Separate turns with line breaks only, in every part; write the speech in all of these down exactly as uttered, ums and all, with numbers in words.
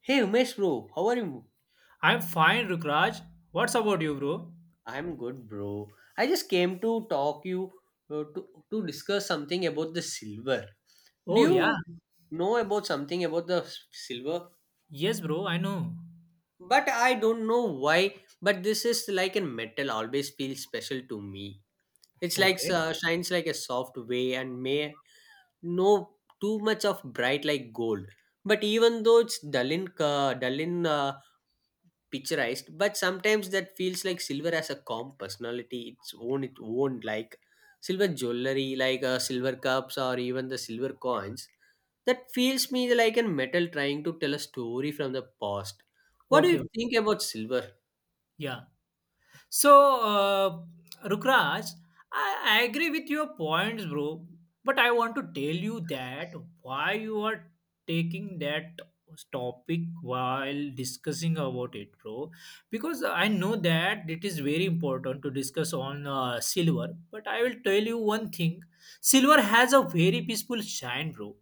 Hey Umesh bro, how are you?
I'm fine, Rukraj. What's about you, bro?
I'm good bro. I just came to talk you uh, to to discuss something about the silver. Do
Oh, yeah.
you know about something about the s- silver?
Yes, bro, I know.
But I don't know why. But this is like a metal. Always feels special to me. It's like
Okay.
uh, shines like a soft way and may no too much of bright like gold. But even though it's dull in uh, dull in uh, picturized but sometimes that feels like silver has a calm personality its own it own like silver jewelry like uh, silver cups or even the silver coins that feels me like a metal trying to tell a story from the past. What do
Okay,
you
okay.
think about silver?
Yeah. So, uh, Rukraj, I, I agree with your points, bro. But I want to tell you that why you are taking that topic while discussing about it, bro. Because I know that it is very important to discuss on uh, silver. But I will tell you one thing: silver has a very peaceful shine, bro,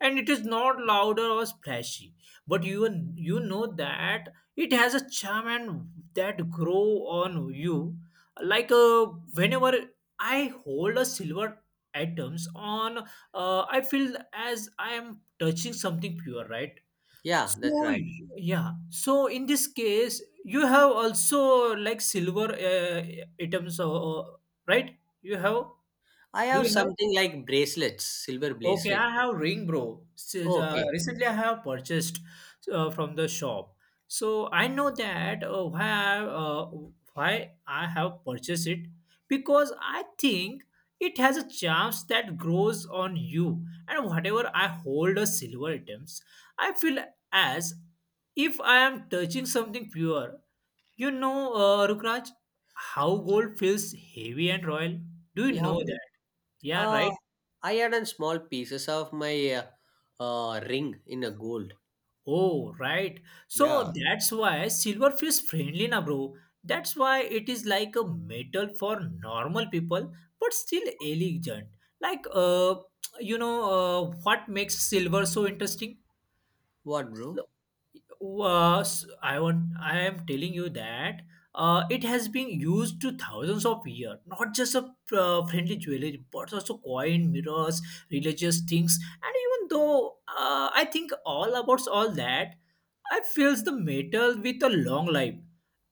and it is not louder or splashy. But you you know that it has a charm and that grow on you like uh, whenever I hold a silver items on uh, I feel as I am touching something pure, right?
Yeah, that's
So
right.
yeah, so in this case you have also like silver uh, items uh, uh, right, you have.
I
Do
have
you have?
something like bracelets silver
Okay,
bracelet.
I have ring, bro. S- uh,
Okay.
recently, I have purchased uh, from the shop. So I know that uh, why I, uh, why I have purchased it, because I think it has a charm that grows on you. And whatever I hold as silver items, I feel as if I am touching something pure. You know, uh, Rukraj, how gold feels heavy and royal. Do you
Yeah
know
bro.
that? Yeah,
uh
right.
I had on small pieces of my uh, uh ring in a gold.
Oh, right. So
Yeah.
that's why silverfish friendly na, bro. That's why it is like a metal for normal people, but still elegant. Like uh, you know uh, what makes silver so interesting?
What bro?
Was I want I am telling you that uh, it has been used to thousands of years, not just a uh, friendly jewelry, but also coin, mirrors, religious things, and even though uh, I think all about all that I feels the metal with a long life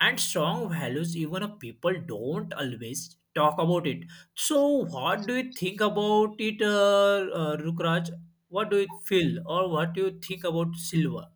and strong values, even if people don't always talk about it. So what do you think about it, uh, uh, Rukraj? What do you feel or what do you think about silver?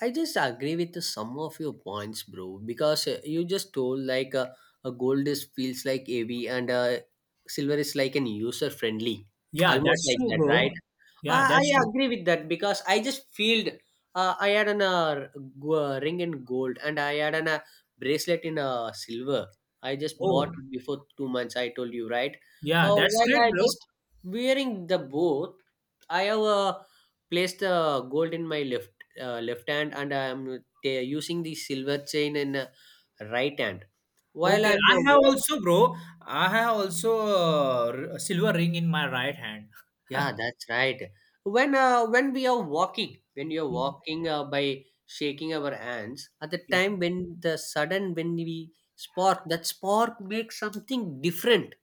I just agree with some of your points, bro. Because uh, you just told like uh, a gold is feels like heavy and uh, silver is like an user friendly,
Yeah,
almost
that's
like
true,
that, right?
bro.
I,
Yeah,
I
that's true.
agree with that because I just feel uh, I had an uh, g- uh, ring in gold and I had an uh, bracelet in uh, silver. I just bought
Oh,
it before two months. I told you right.
yeah,
Uh,
that's
while
great,
I
bro.
just wearing the both, I have uh, placed the gold in my left uh, left hand and I am uh, using the silver chain in uh, right hand. While
Okay,
I'm
I
uh,
have also, bro, I have also uh, r- a silver ring in my right hand.
Yeah, that's right. When uh, when we are walking, when you are walking uh, by shaking our hands, at the time when the sudden when we spark, that spark makes something different.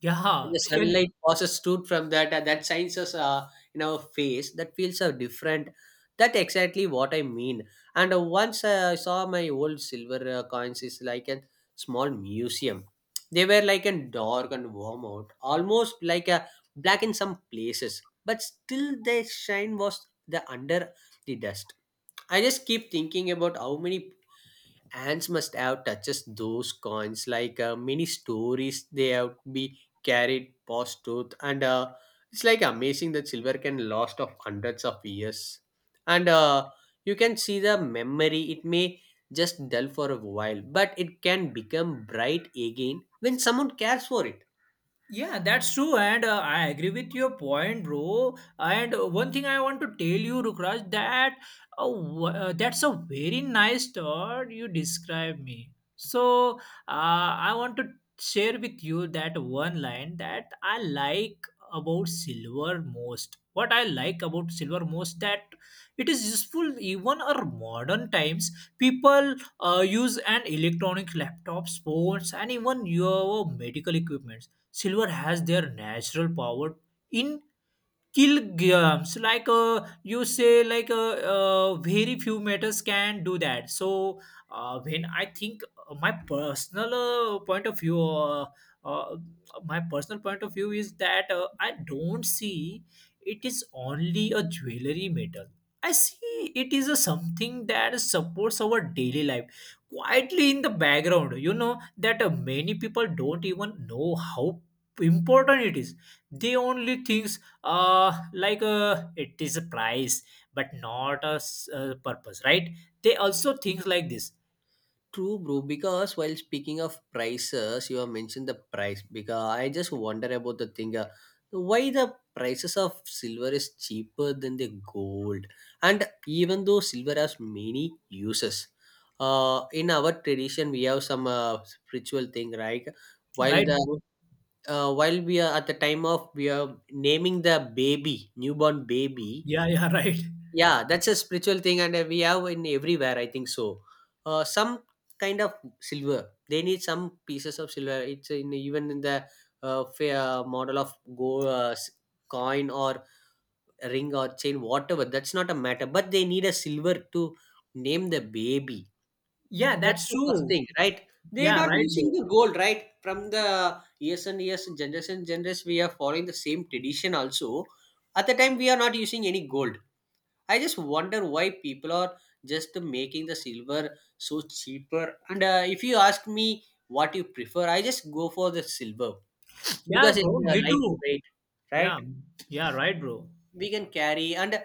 Yeah,
When
yeah,
the
yeah, really.
sunlight passes through from that uh, that shines us uh, in our face that feels so different. That exactly what I mean. And uh, once uh, I saw my old silver uh, coins is like a small museum. They were like a dark and warm out almost like a black in some places but still their shine was the under the dust. I just keep thinking about how many Ants must have touched those coins like uh, many stories they have be carried past tooth and uh, it's like amazing that silver can last of hundreds of years and uh, you can see the memory it may just dull for a while but it can become bright again when someone cares for it.
Yeah, that's true, and uh, I agree with your point, bro. And uh, one thing I want to tell you, Rukraj, that uh, w- uh, that's a very nice thought you describe me. So uh, I want to share with you that one line that I like about silver most. What I like about silver most that it is useful even our modern times. People uh, use an electronic laptops, phones, and even your medical equipment. Silver has their natural power in kilograms, like uh, you say like uh, uh, very few matters can do that. So uh, when I think uh, my personal uh, point of view, uh, uh, my personal point of view is that uh, I don't see it is only a jewelry metal. I see it is a something that supports our daily life quietly in the background. You know that uh, many people don't even know how important it is. They only think uh like uh, it is a price but not a s- uh, purpose, right? They also think like this.
True, bro. Because while speaking of prices, you have mentioned the price. Because I just wonder about the thing. Uh, why the prices of silver is cheaper than the gold? And even though silver has many uses, uh, in our tradition we have some uh, spiritual thing, right? While
Right,
the
bro?
uh, while we are at the time of we are naming the baby, newborn baby,
Yeah, yeah, right.
yeah that's a spiritual thing and uh, we have in everywhere I think so. uh, some kind of silver they need some pieces of silver it's in even in the uh, fa- uh, model of gold uh, s- coin or ring or chain whatever that's not a matter but they need a silver to name the baby.
Yeah,
That's
that's
the first
true.
thing right. They are
Yeah,
not
right,
using
bro.
the gold right from the years and years generation generation we are following the same tradition also at the time we are not using any gold. I just wonder why people are just making the silver so cheaper. And uh, if you ask me what you prefer, I just go for the silver
Yeah,
because it's
bro,
uh,
me
light
too.
in weight, right?
Yeah. Yeah, right, bro.
We can carry and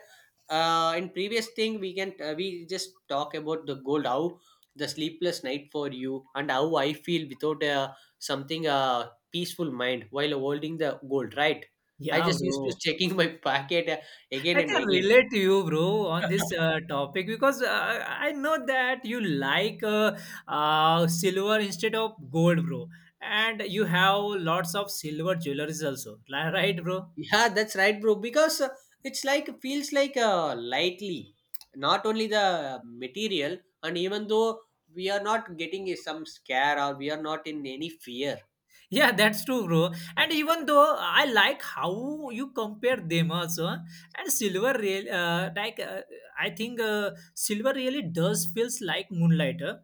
uh, in previous thing we can uh, we just talk about the gold how the sleepless night for you and how I feel without uh, something uh, peaceful mind while holding the gold, right? I
Yeah,
just used to
bro,
checking my pocket uh, again
I
and
can
again.
relate to you, bro, on this uh, topic, because uh, I know that you like uh, uh silver instead of gold, bro. And you have lots of silver jewelries also, li- right, bro?
Yeah, that's right, bro. Because uh, it's like feels like uh, lightly, not only the material, and even though we are not getting uh, some scare or we are not in any fear.
Yeah, that's true, bro. And even though I like how you compare them also, and silver real uh, like uh, I think uh, silver really does feels like moonlight, uh,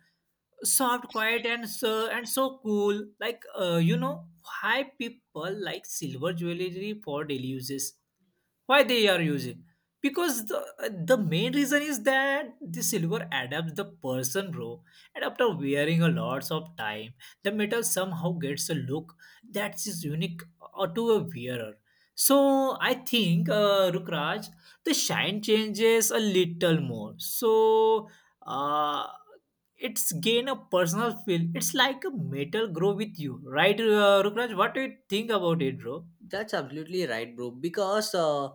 soft, quiet, and so and so cool. Like uh, you know why people like silver jewelry for daily uses, why they are using, because the, the main reason is that the silver adapts the person, bro. And after wearing a lots of time, the metal somehow gets a look that is unique uh, to a wearer. So I think, uh, Rukraj, the shine changes a little more. So uh, it's gain a personal feel, it's like a metal grow with you, right? uh, Rukraj, what do you think about it, bro?
That's absolutely right, bro. Because uh,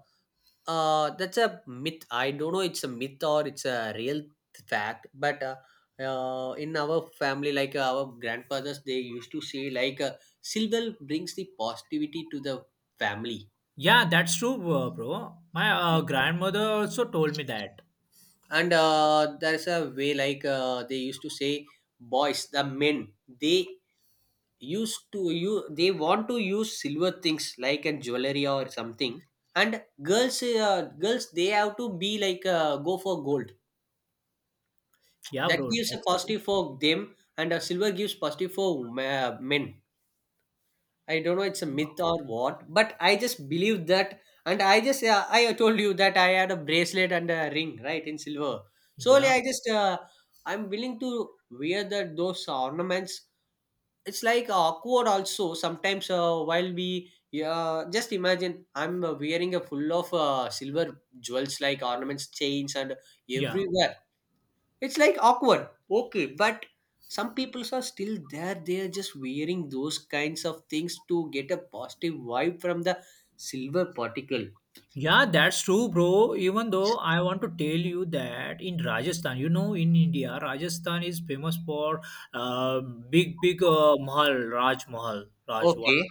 uh, that's a myth. I don't know. It's a myth or it's a real fact. But uh, uh, in our family, like uh, our grandfathers, they used to say like uh, silver brings the positivity to the family
Yeah, that's true, uh, bro. My uh, grandmother also told me that.
and uh, there's a way like uh, they used to say boys the men they used to you they want to use silver things like a jewelry or something and girls uh, girls they have to be like uh, go for gold
Yeah,
that
bro,
gives a
that's true.
positive for them and uh, silver gives positive for ma- men. I don't know it's a myth or what, but I just believe that. And I just, uh, I told you that I had a bracelet and a ring, right, in silver. Solely,
Yeah,
I just, uh, I'm willing to wear that those ornaments. It's like awkward also sometimes uh, while we, uh, just imagine I'm uh, wearing a full of uh, silver jewels like ornaments, chains, and
yeah,
everywhere it's like awkward. Okay, but some people are still there. They are just wearing those kinds of things to get a positive vibe from the silver particle.
yeah, that's true, bro. Even though I want to tell you that in Rajasthan, you know, in India, Rajasthan is famous for uh, big, big uh, Mahal, Raj Mahal, Rajwada.
Okay.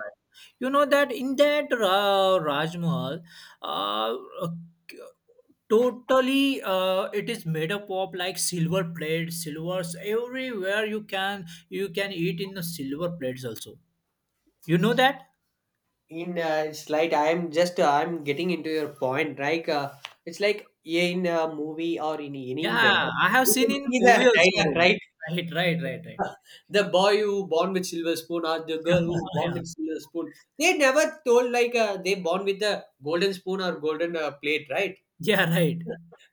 You know that in that uh, Raj Mahal, uh, uh, totally, uh, it is made up of like silver plates, silvers everywhere. You can you can eat in the silver plates also. You know that?
In uh, slide, I am just uh, I'm getting into your point. Like uh, it's like in a movie or in anywhere,
Yeah, I have
you
seen
can
in
see
movie
the
also.
dialogue,
Rohan.
right?
Right, right, right, right.
the boy who born with silver spoon or the girl who born
Yeah,
with silver spoon. They never told like uh, they born with the golden spoon or golden uh, plate, right?
yeah, right.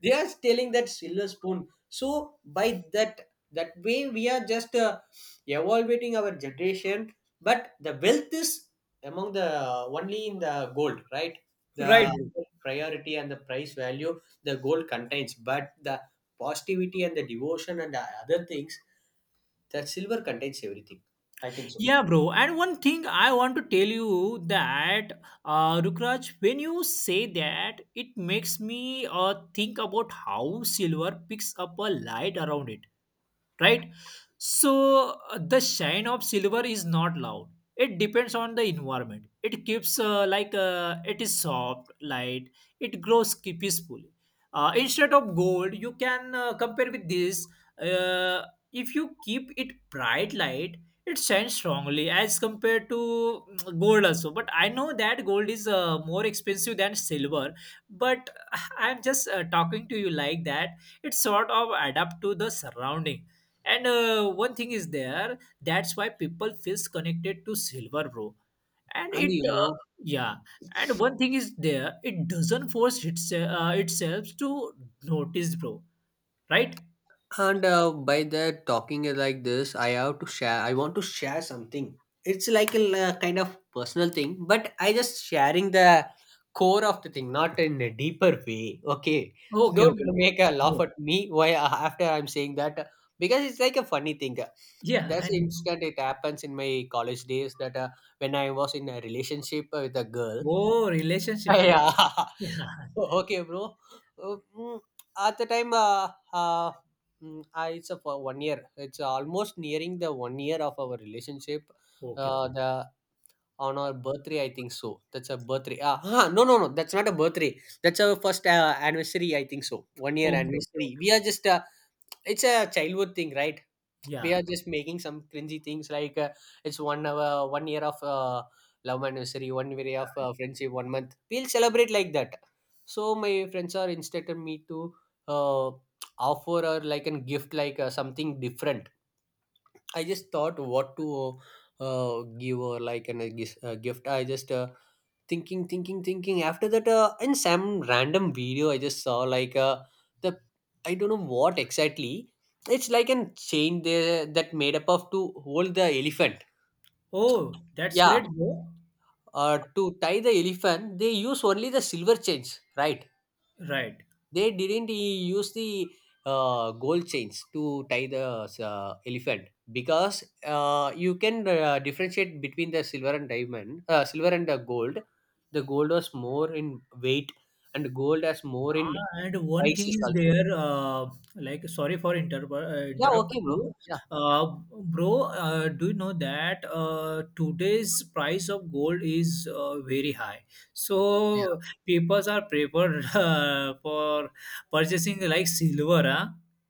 They are stealing that silver spoon so by that that way we are just uh, evaluating our generation but the wealth is among the only in the gold right the
Right, bro.
priority and the price value the gold contains but the positivity and the devotion and the other things that silver contains everything I think so
Yeah, bro. And one thing I want to tell you that, uh, Rukraj, when you say that, it makes me uh, think about how silver picks up a light around it, right? So uh, the shine of silver is not loud. It depends on the environment. It keeps uh, like uh, it is soft, light. It grows ki- peacefully. Uh, instead of gold, you can uh, compare with this. Uh, if you keep it bright light, it shines strongly as compared to mm, gold also. But I know that gold is uh, more expensive than silver. But uh, I'm just uh, talking to you like that. It sort of adapt to the surrounding, and uh, one thing is there, that's why people feels connected to silver, bro. And
and
it,
you
uh,
know.
yeah. And one thing is there, it doesn't force its, uh, itself to notice, bro. Right?
And uh, by the talking like this, I have to share. I want to share something. It's like a l- kind of personal thing, but I just sharing the core of the thing, not in a deeper way. Okay,
Okay,
don't
okay, bro.
make a laugh
Oh,
at me. Why after I'm saying that? Because it's like a funny thing.
yeah,
That's
I
the
know.
instant. It happens in my college days that uh, when I was in a relationship with a girl,
Oh, relationship, bro.
yeah.
Yeah.
Okay, bro. Uh, mm, At the time, uh, uh, mm, I, it's a for one year. It's almost nearing the one year of our relationship.
Okay,
Uh,
bro.
the on our birthday, I think so. That's a birthday. Ah, huh, no, no, no. That's not a birthday. That's our first uh, anniversary. I think so. One year
Okay, okay,
anniversary.
okay.
We are just. Uh, it's a childhood thing, right? They
Yeah.
are just making some cringy things like uh, it's one hour one year of uh, love anniversary one year of uh, friendship one month we'll celebrate like that so my friends are instructed me to uh, offer or like a gift like uh, something different. I just thought what to uh, give or like an, a gis- a gift. I just uh, thinking, thinking, thinking. After that, uh, in some random video I just saw, like uh, the I don't know what exactly. It's like an chain there that made up of to hold the elephant.
Oh, that's
Yeah,
great, bro.
uh, to tie the elephant, they use only the silver chains, right?
Right.
They didn't e- use the uh, gold chains to tie the uh, elephant because uh, you can uh, differentiate between the silver and diamond uh, silver and the gold. The gold was more in weight and gold has more in
Ah, and one thing
prices
is
also.
there, uh, like, sorry for interrup uh,
Yeah,
interrupt
okay bro.
you.
Yeah.
Uh, Bro, uh, do you know that uh, today's price of gold is uh, very high? So people are preferred uh, for purchasing like silver, huh?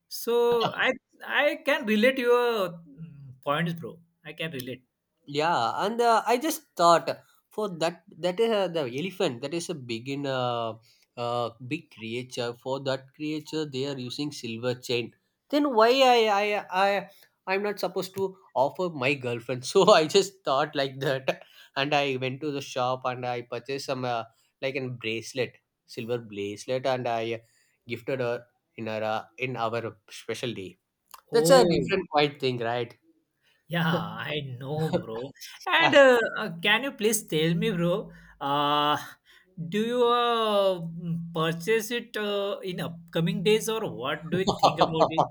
So I I can relate your mm, points, bro. I can relate.
Yeah, and uh, I just thought for that that is uh, the elephant that is a big in uh, uh, big creature. For that creature, they are using silver chain. Then why I I I I'm not supposed to offer my girlfriend? So I just thought like that, and I went to the shop and I purchased some uh, like a bracelet, silver bracelet, and I gifted her in her uh, in our special day. That's a
Oh,
different quite thing, right?
yeah, I know, bro. And uh, uh, can you please tell me, bro? Uh, do you uh, mm, purchase it uh, in upcoming days or what do you think
uh,
about it?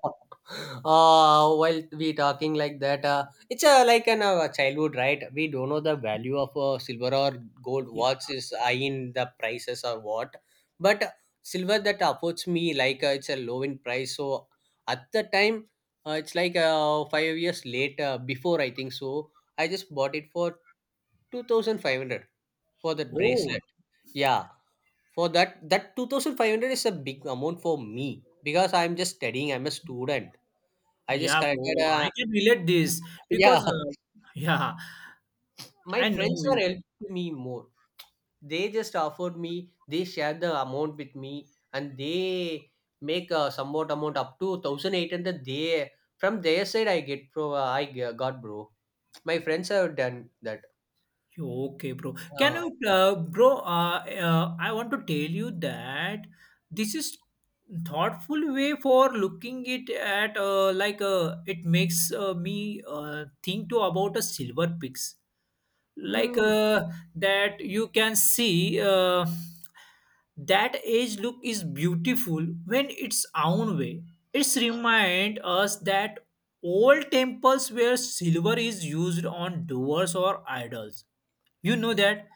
while we talking like that, uh, it's uh, like an uh, childhood, right? We don't know the value of uh, silver or gold.
Yeah.
What is high in the prices or what? But silver that affords me like uh, it's a low in price. So at the time, uh, it's like uh, five years later, before I think so, I just bought it for two thousand five hundred for that
Oh,
bracelet. Yeah, for that, that two thousand five hundred is a big amount for me because I'm just studying. I'm a student. I just
yeah, bro.
collected. Uh,
I can relate this
yeah,
because uh, yeah,
my
I
friends
know
are
you.
helping me more. They just offered me. They share the amount with me, and they make a somewhat amount up to one thousand eight hundred. They from their side, I get pro. I g- got bro. My friends have done that.
Okay, bro. Can
Uh,
you, uh, bro? Uh, uh, I want to tell you that this is thoughtful way for looking it at uh, like uh, it makes uh, me uh, think to about a silver pigs, like
mm,
uh, that you can see uh, that age look is beautiful when its own way. It's remind us that old temples where silver is used on doors or idols, you know that.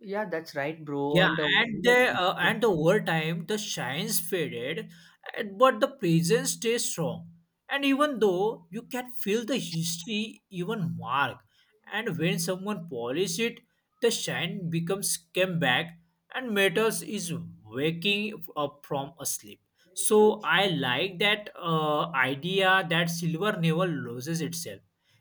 yeah, that's right, bro.
Yeah,
And uh, one
and
more
the uh,
thing.
and over time the shines faded, and- but the presence stays strong. And even though you can feel the history, even mark, and when someone polish it, the shine becomes came back, and metals is waking up from a sleep. So I like that uh, idea that silver never loses itself,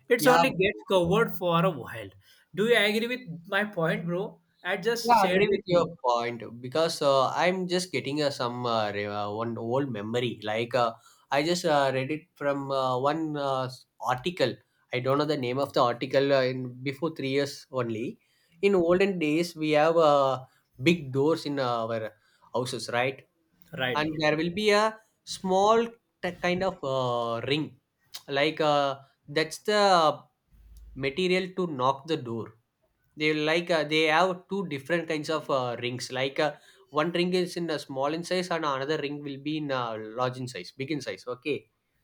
it's
yeah,
only gets covered for a while. Do you agree with my point, bro? I just
Yeah, I
shared
agree
with
with your
you.
point because uh, I'm just getting uh, some uh, re- uh, one old memory. Like uh, I just uh, read it from uh, one uh, s- article. I don't know the name of the article. Uh, in before three years only, in olden days we have uh, big doors in our houses, right?
Right,
And
bro.
there will be a small t- kind of uh, ring, like uh, that's the material to knock the door. They like uh, they have two different kinds of uh, rings, like uh, one ring is in a small in size and another ring will be in uh, large in size, big in size, okay,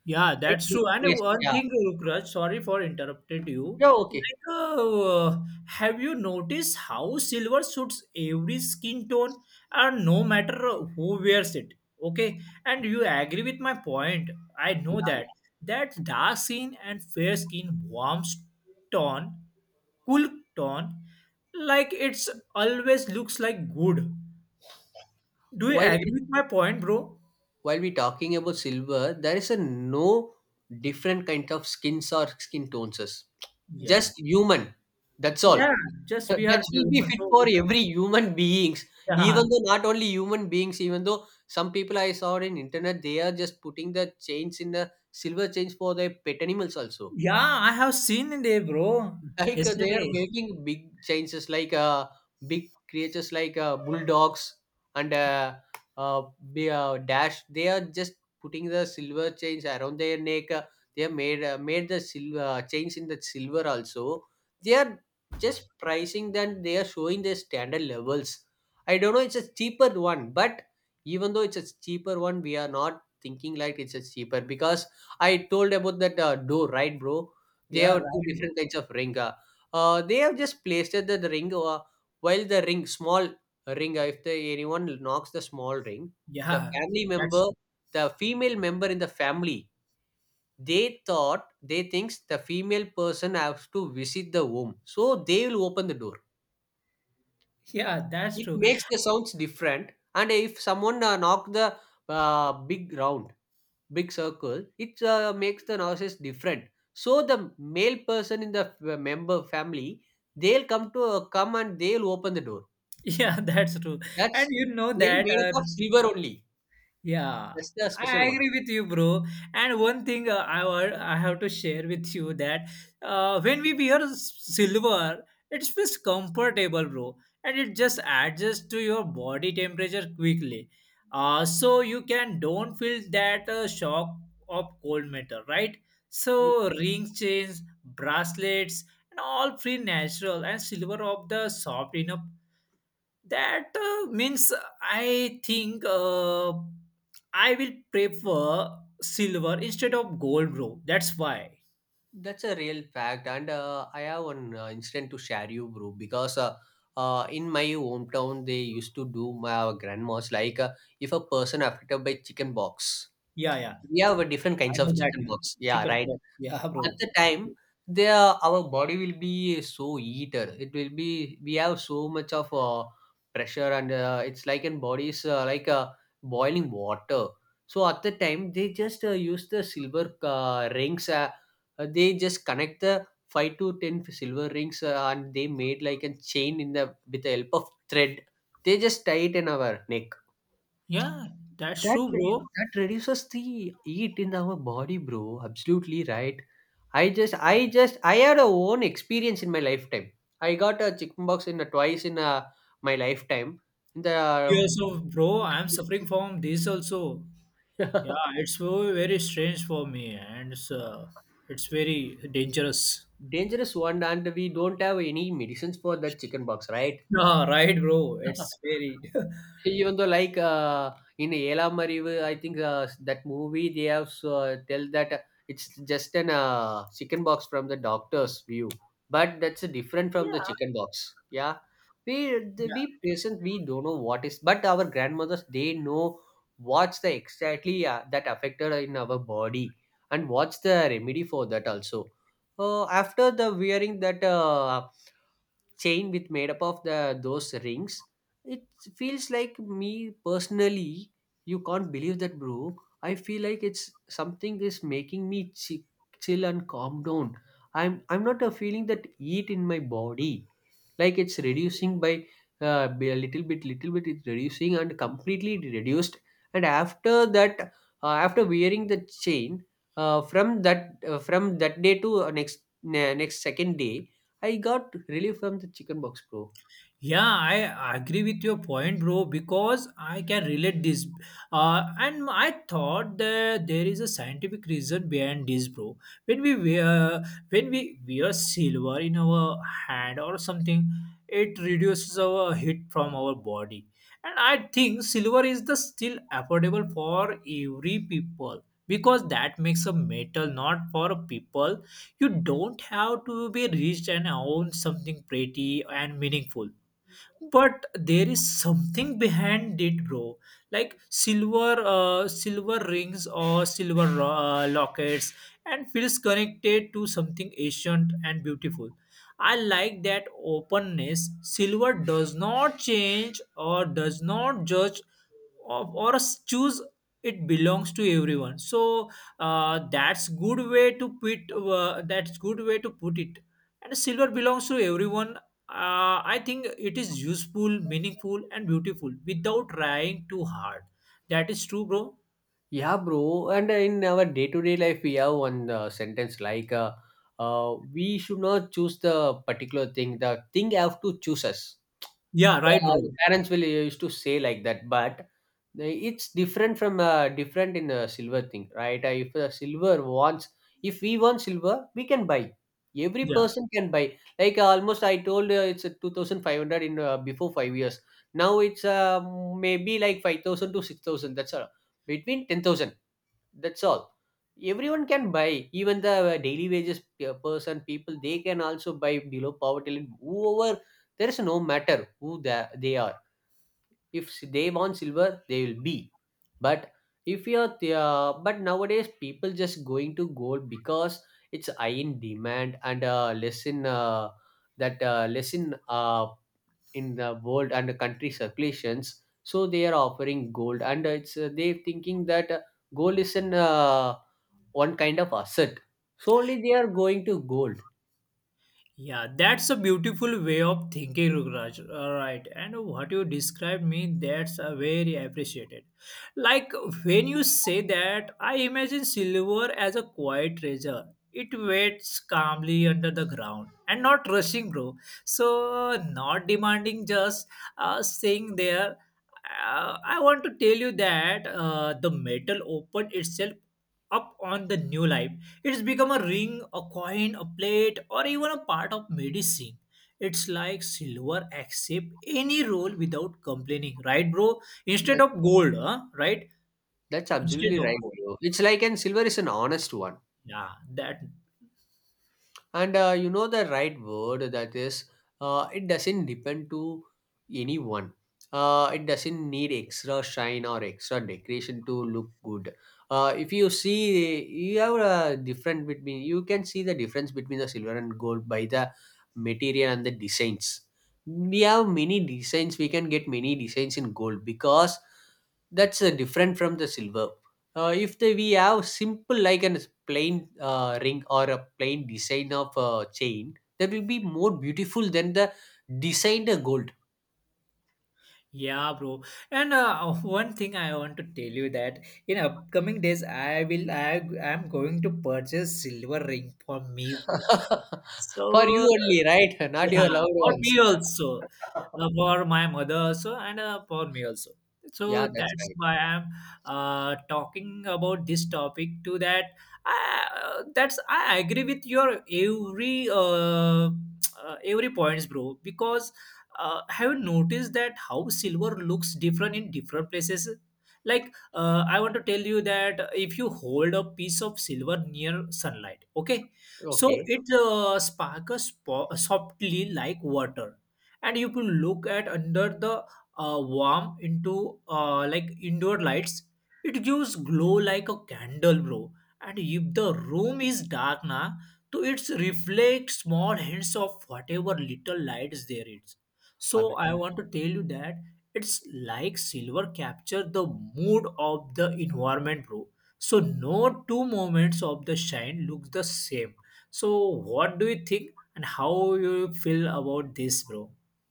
Yeah,
it's like
that's
the.
true. And one
Yeah.
thing, Rukraj, sorry for interrupted you.
Yeah, okay.
Like, uh, have you noticed how silver suits every skin tone, and no matter who wears it? Okay, and you agree with my point. I
Yeah,
know that
yeah.
that dark skin and fair skin, warms tone, cool tone, like it's always looks like good. Do you
while
agree
we,
with my point, bro?
while we talking about silver, there is a no different kind of skins or skin tones,
Yeah.
just human, that's all.
Yeah, just
Uh,
we are
that will be
human,
fit
so
for
we could-
every human beings.
yeah.
Even though not only human beings, even though some people I saw in internet, they are just putting the chains in the silver chains for their pet animals also.
Yeah, I have seen it, eh, bro.
Like uh, they are
Yesterday.
making big changes, like uh, big creatures like uh, bulldogs and uh, uh, be- uh, dash. They are just putting the silver chains around their neck. Uh, they have made, uh, made the silver chains in the silver also. They are just pricing them. They are showing their standard levels. I don't know. It's a cheaper one, but even though it's a cheaper one, we are not thinking like it's a cheaper because I told about that uh, door, right, bro? They
Yeah,
have
right,
two
bro.
different kinds of ring. Uh, uh, they have just placed it that the ring, uh, while the ring, small ring, uh, if the, anyone knocks the small ring, the
Yeah,
family member,
that's
the female member in the family, they thought, they thinks the female person has to visit the womb. So they will open the door.
yeah, that's
It
true.
makes the sounds different. And if someone uh, knocked the uh, big round, big circle, it uh, makes the noises different, so the male person in the f- uh, member family, they'll come to uh, come and they'll open the door.
Yeah, that's true. And
That's
you know
really
that
made
uh,
up of silver only.
yeah,
That's the
I
special one.
agree with you, bro. And one thing uh, I wa- I have to share with you that uh, when we wear s- silver, it feels comfortable, bro, and it just adjusts to your body temperature quickly. Uh, so you can don't feel that uh, shock of cold metal, right?
Ye-
So ring chains, bracelets, and all free natural and silver of the soft enough, that uh, means I think uh, I will prefer silver instead of gold, bro. That's why.
that's a real fact. And uh, I have one uh, incident to share you, bro, because uh, uh, in my hometown they used to do, my our grandmas, like uh, if a person affected by chicken box,
Yeah, yeah,
we have a different
I
kinds of
know that
chicken box, yeah,
chicken
right.
pox, yeah, bro.
At the time, there our body will be so eater, it will be, we have so much of uh, pressure and uh, it's like in bodies uh, like uh, boiling water. So at the time they just uh, use the silver uh, rings, uh, uh, they just connect the five to ten silver rings uh, and they made like a chain in the, with the help of thread, they just tie it in our neck.
Yeah, that's
That
true,
re-
bro.
that reduces the heat in our body, bro. Absolutely right. I just I just I had a own experience in my lifetime. I got a chickenpox in a, twice in a, my lifetime. In the.
Years of bro, I'm suffering from this also. Yeah, it's very, very strange for me, and it's, uh, it's very dangerous.
Dangerous one, and we don't have any medicines for that chickenpox, right?
Yeah, right, bro, it's very
Even though like uh, in Ela Marivu, I think uh, that movie they have uh, tell that uh, it's just an uh, chicken box from the doctor's view, but that's different from the
yeah.
chicken box. Yeah, we the, we present we don't know what is, but our grandmothers they know what's the exactly uh, that affected in our body and what's the remedy for that also. Uh, after the wearing that uh, chain with made up of the, those rings, it feels like me personally, you can't believe that, bro. I feel like it's something is making me chi- chill and calm down. I'm i'm not a feeling that heat in my body, like it's reducing by uh, by a little bit, little bit it's reducing and completely it reduced. And after that, uh, after wearing the chain, uh, from that uh, from that day to uh, next ne- next second day, I got relief from the chicken box, bro.
Yeah, I agree with your point, bro, because I can relate this. Uh, and I thought that there is a scientific reason behind this, bro. When we wear, when we wear silver in our hand or something, it reduces our heat from our body. And I think silver is the still affordable for every people because that makes a metal not for people. You don't have to be rich and own something pretty and meaningful, but there is something behind it, bro, like silver uh, silver rings or silver uh, lockets and feels connected to something ancient and beautiful. I like that openness. Silver does not change or does not judge or or a s- choose. It belongs to everyone. So uh, that's good way to put uh, that's good way to put it. And silver belongs to everyone. uh, I think it is useful, meaningful and beautiful without trying too hard. That is true, bro.
Yeah, bro. And in our day-to-day life we have one uh, sentence like uh, uh, we should not choose the particular thing, the thing have to choose us.
Yeah, right,
Uh,
bro.
parents will used to say like that, but they- it's different from uh, different in a silver thing, right? Uh, if a silver wants, if we want silver, we can buy. Every
Yeah.
person can buy. Like uh, almost, I told uh, it's a two thousand five hundred in uh, before five years. Now it's uh, maybe like five thousand to six thousand. That's all. Between ten thousand, that's all, everyone can buy, even the uh, daily wages pe- person people, they can also buy, below poverty line, whoever, there is no matter who the- they are, if s- they want silver they will be. But, if you are the- uh, but nowadays people just going to gold because it's high in demand and uh, less in uh, that uh, less in uh, in the world and the country circulations, so they are offering gold and uh, it's uh, they thinking that uh, gold is an uh, one kind of asset. Solely they are going to gold.
Yeah, that's a beautiful way of thinking, Rukraj. All right, and what you described me, that's uh, very appreciated. Like, when you say that, I imagine silver as a quiet treasure. It waits calmly under the ground and not rushing, bro. So not demanding, just uh, staying there. Uh, I want to tell you that uh, the metal opened itself up on the new life. It's become a ring, a coin, a plate, or even a part of medicine. It's like silver, accept any role without complaining, right, bro? Instead
That,
of gold, huh? Right?
that's
Instead
absolutely
of
right,
gold.
bro. It's like, and silver is an honest one.
Yeah, that.
And uh, you know the right word, that is, uh, it doesn't depend to anyone. Uh, it doesn't need extra shine or extra decoration to look good. Uh, if you see you have a different between, you can see the difference between the silver and gold by the material and the designs. We have many designs, we can get many designs in gold, because that's uh, different from the silver. Uh, if the, we have simple like a plain uh, ring or a plain design of a chain, that will be more beautiful than the designed gold.
Yeah, bro. And uh, one thing I want to tell you that in upcoming days, I will. I am going to purchase silver ring for me, bro.
For you
So
only, right? Not
yeah,
your loved
for
ones.
me also, uh, for my mother also, and uh, for me also.
Yeah,
So
that's
that's
right,
why I'm uh, talking about this topic. To that, I, uh, that's I agree with your every uh, uh, every points, bro. Because uh, have you noticed that how silver looks different in different places? Like, uh, I want to tell you that if you hold a piece of silver near sunlight, okay, so
okay.
it uh, sparkles po- softly like water, and you can look at under the uh, warm into uh, like indoor lights. It gives glow like a candle, bro. And if the room is dark na, so it's reflect small hints of whatever little lights there is. So I
Abhi-
want to tell you that it's like silver capture the mood of the environment, bro. So no two moments of the shine looks the same. So what do you think and how you feel about this, bro?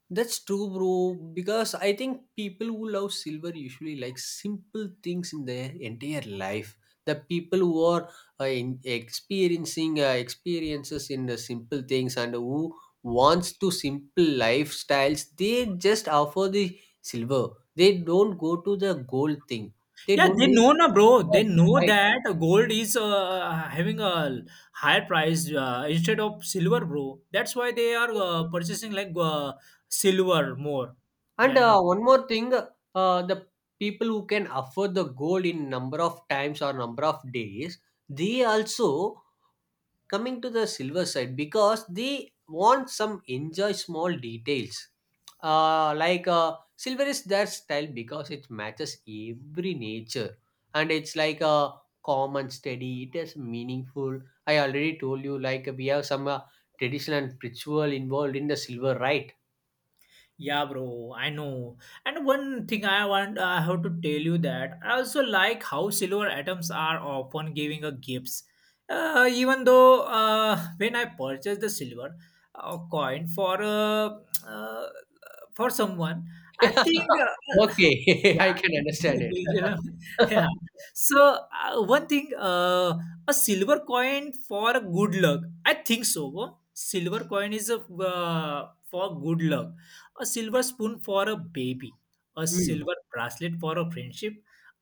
that's true, bro. Because I think people who love silver usually like simple things in their entire life. The people who are uh, in experiencing uh, experiences in the simple things and who wants to simple lifestyles, they just offer the silver. They don't go to the gold thing. They
Yeah,
don't
they
need
know na, bro. They
gold,
know
right?
that gold is uh, having a higher price uh, instead of silver, bro. That's why they are uh, purchasing like uh, silver more
And
than. uh,
uh, one more thing, uh, the people who can afford the gold in number of times or number of days, they also coming to the silver side because they want some enjoy small details. Uh, like uh, silver is their style because it matches every nature, and it's like a common steady, it is meaningful. I already told you like we have some uh, tradition and ritual involved in the silver, right?
Yeah, bro, I know. And one thing I want, I have to tell you that I also like how silver atoms are often giving a gifts. Uh, even though uh, when I purchased the silver uh, coin for uh, uh, for someone, I think uh,
Okay. I
yeah,
can understand it.
do you remember? Yeah. So uh, one thing, uh, a silver coin for good luck. I think so. Huh? Silver coin is a uh, for good luck. A silver spoon for a baby. A
Mm.
silver bracelet for a friendship.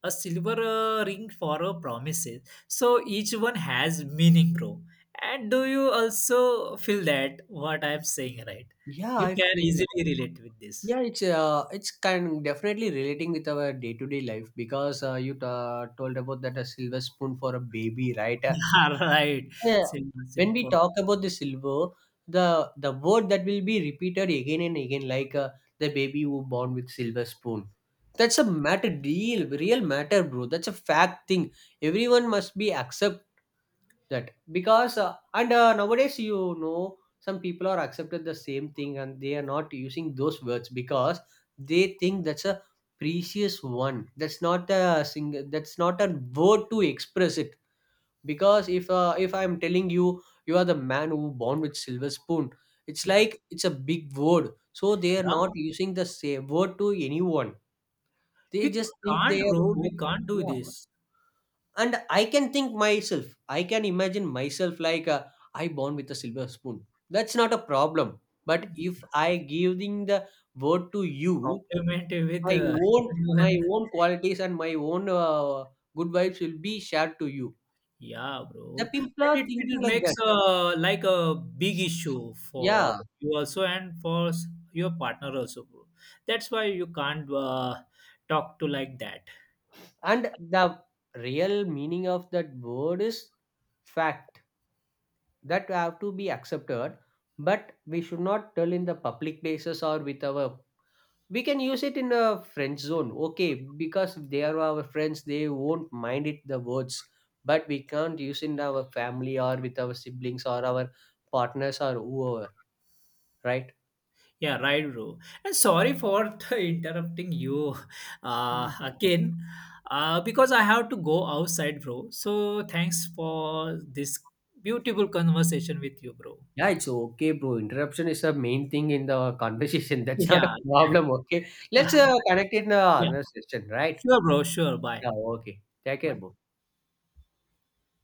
A silver uh, ring for a promises. So each one has meaning, bro. And do you also feel that what I'm saying, right?
Yeah,
You
I
can
feel that.
easily relate with this.
Yeah, it's uh, it's kind definitely relating with our day to day life, because uh, you ta told about that a silver spoon for a baby, right? Uh,
Yeah, right.
yeah.
Simple,
When we
simple.
talk about the silver, the the word that will be repeated again and again, like uh, the baby who born with silver spoon. That's a matter, deal, real matter, bro. That's a fact thing. Everyone must be accept that, because uh, and uh, nowadays you know some people are accepted the same thing and they are not using those words because they think that's a precious one. That's not a single. That's not a word to express it. Because if uh, if I'm telling you you are the man who born with silver spoon, it's
Yeah.
like it's a big word. So they are not
Yeah.
using the same word to anyone. They
We
just think
can't,
they are.
bro.
Both.
We can't do
Yeah,
this.
and I can think myself, I can imagine myself like uh, I born with a silver spoon, that's not a problem. But if I giving the word to you,
Compliment with
my
uh,
own my
everyone.
own qualities and my own uh, good vibes will be shared to you,
Yeah,
the
bro.
people are
And it,
thinking
it
like that.
makes uh, like a big issue for
Yeah,
you also and for s- your partner also, bro. That's why you can't uh, talk to like that.
and the real meaning of that word is fact, that have to be accepted, but we should not tell in the public places or with our, we can use it in a friend zone, okay, because they are our friends, they won't mind it the words, but we can't use in our family or with our siblings or our partners or whoever, right.
Yeah, right, bro. And sorry for the interrupting you uh,
Mhm.
again uh, because I have to go outside, bro. So thanks for this beautiful conversation with you, bro.
Yeah, it's okay, bro. Interruption is the main thing in the conversation. That's not a
Yeah,
problem, okay. Let's uh, connect in the
yeah,
another session, right.
sure, bro. Sure. Bye.
Yeah, okay, take care,
Bye.
bro.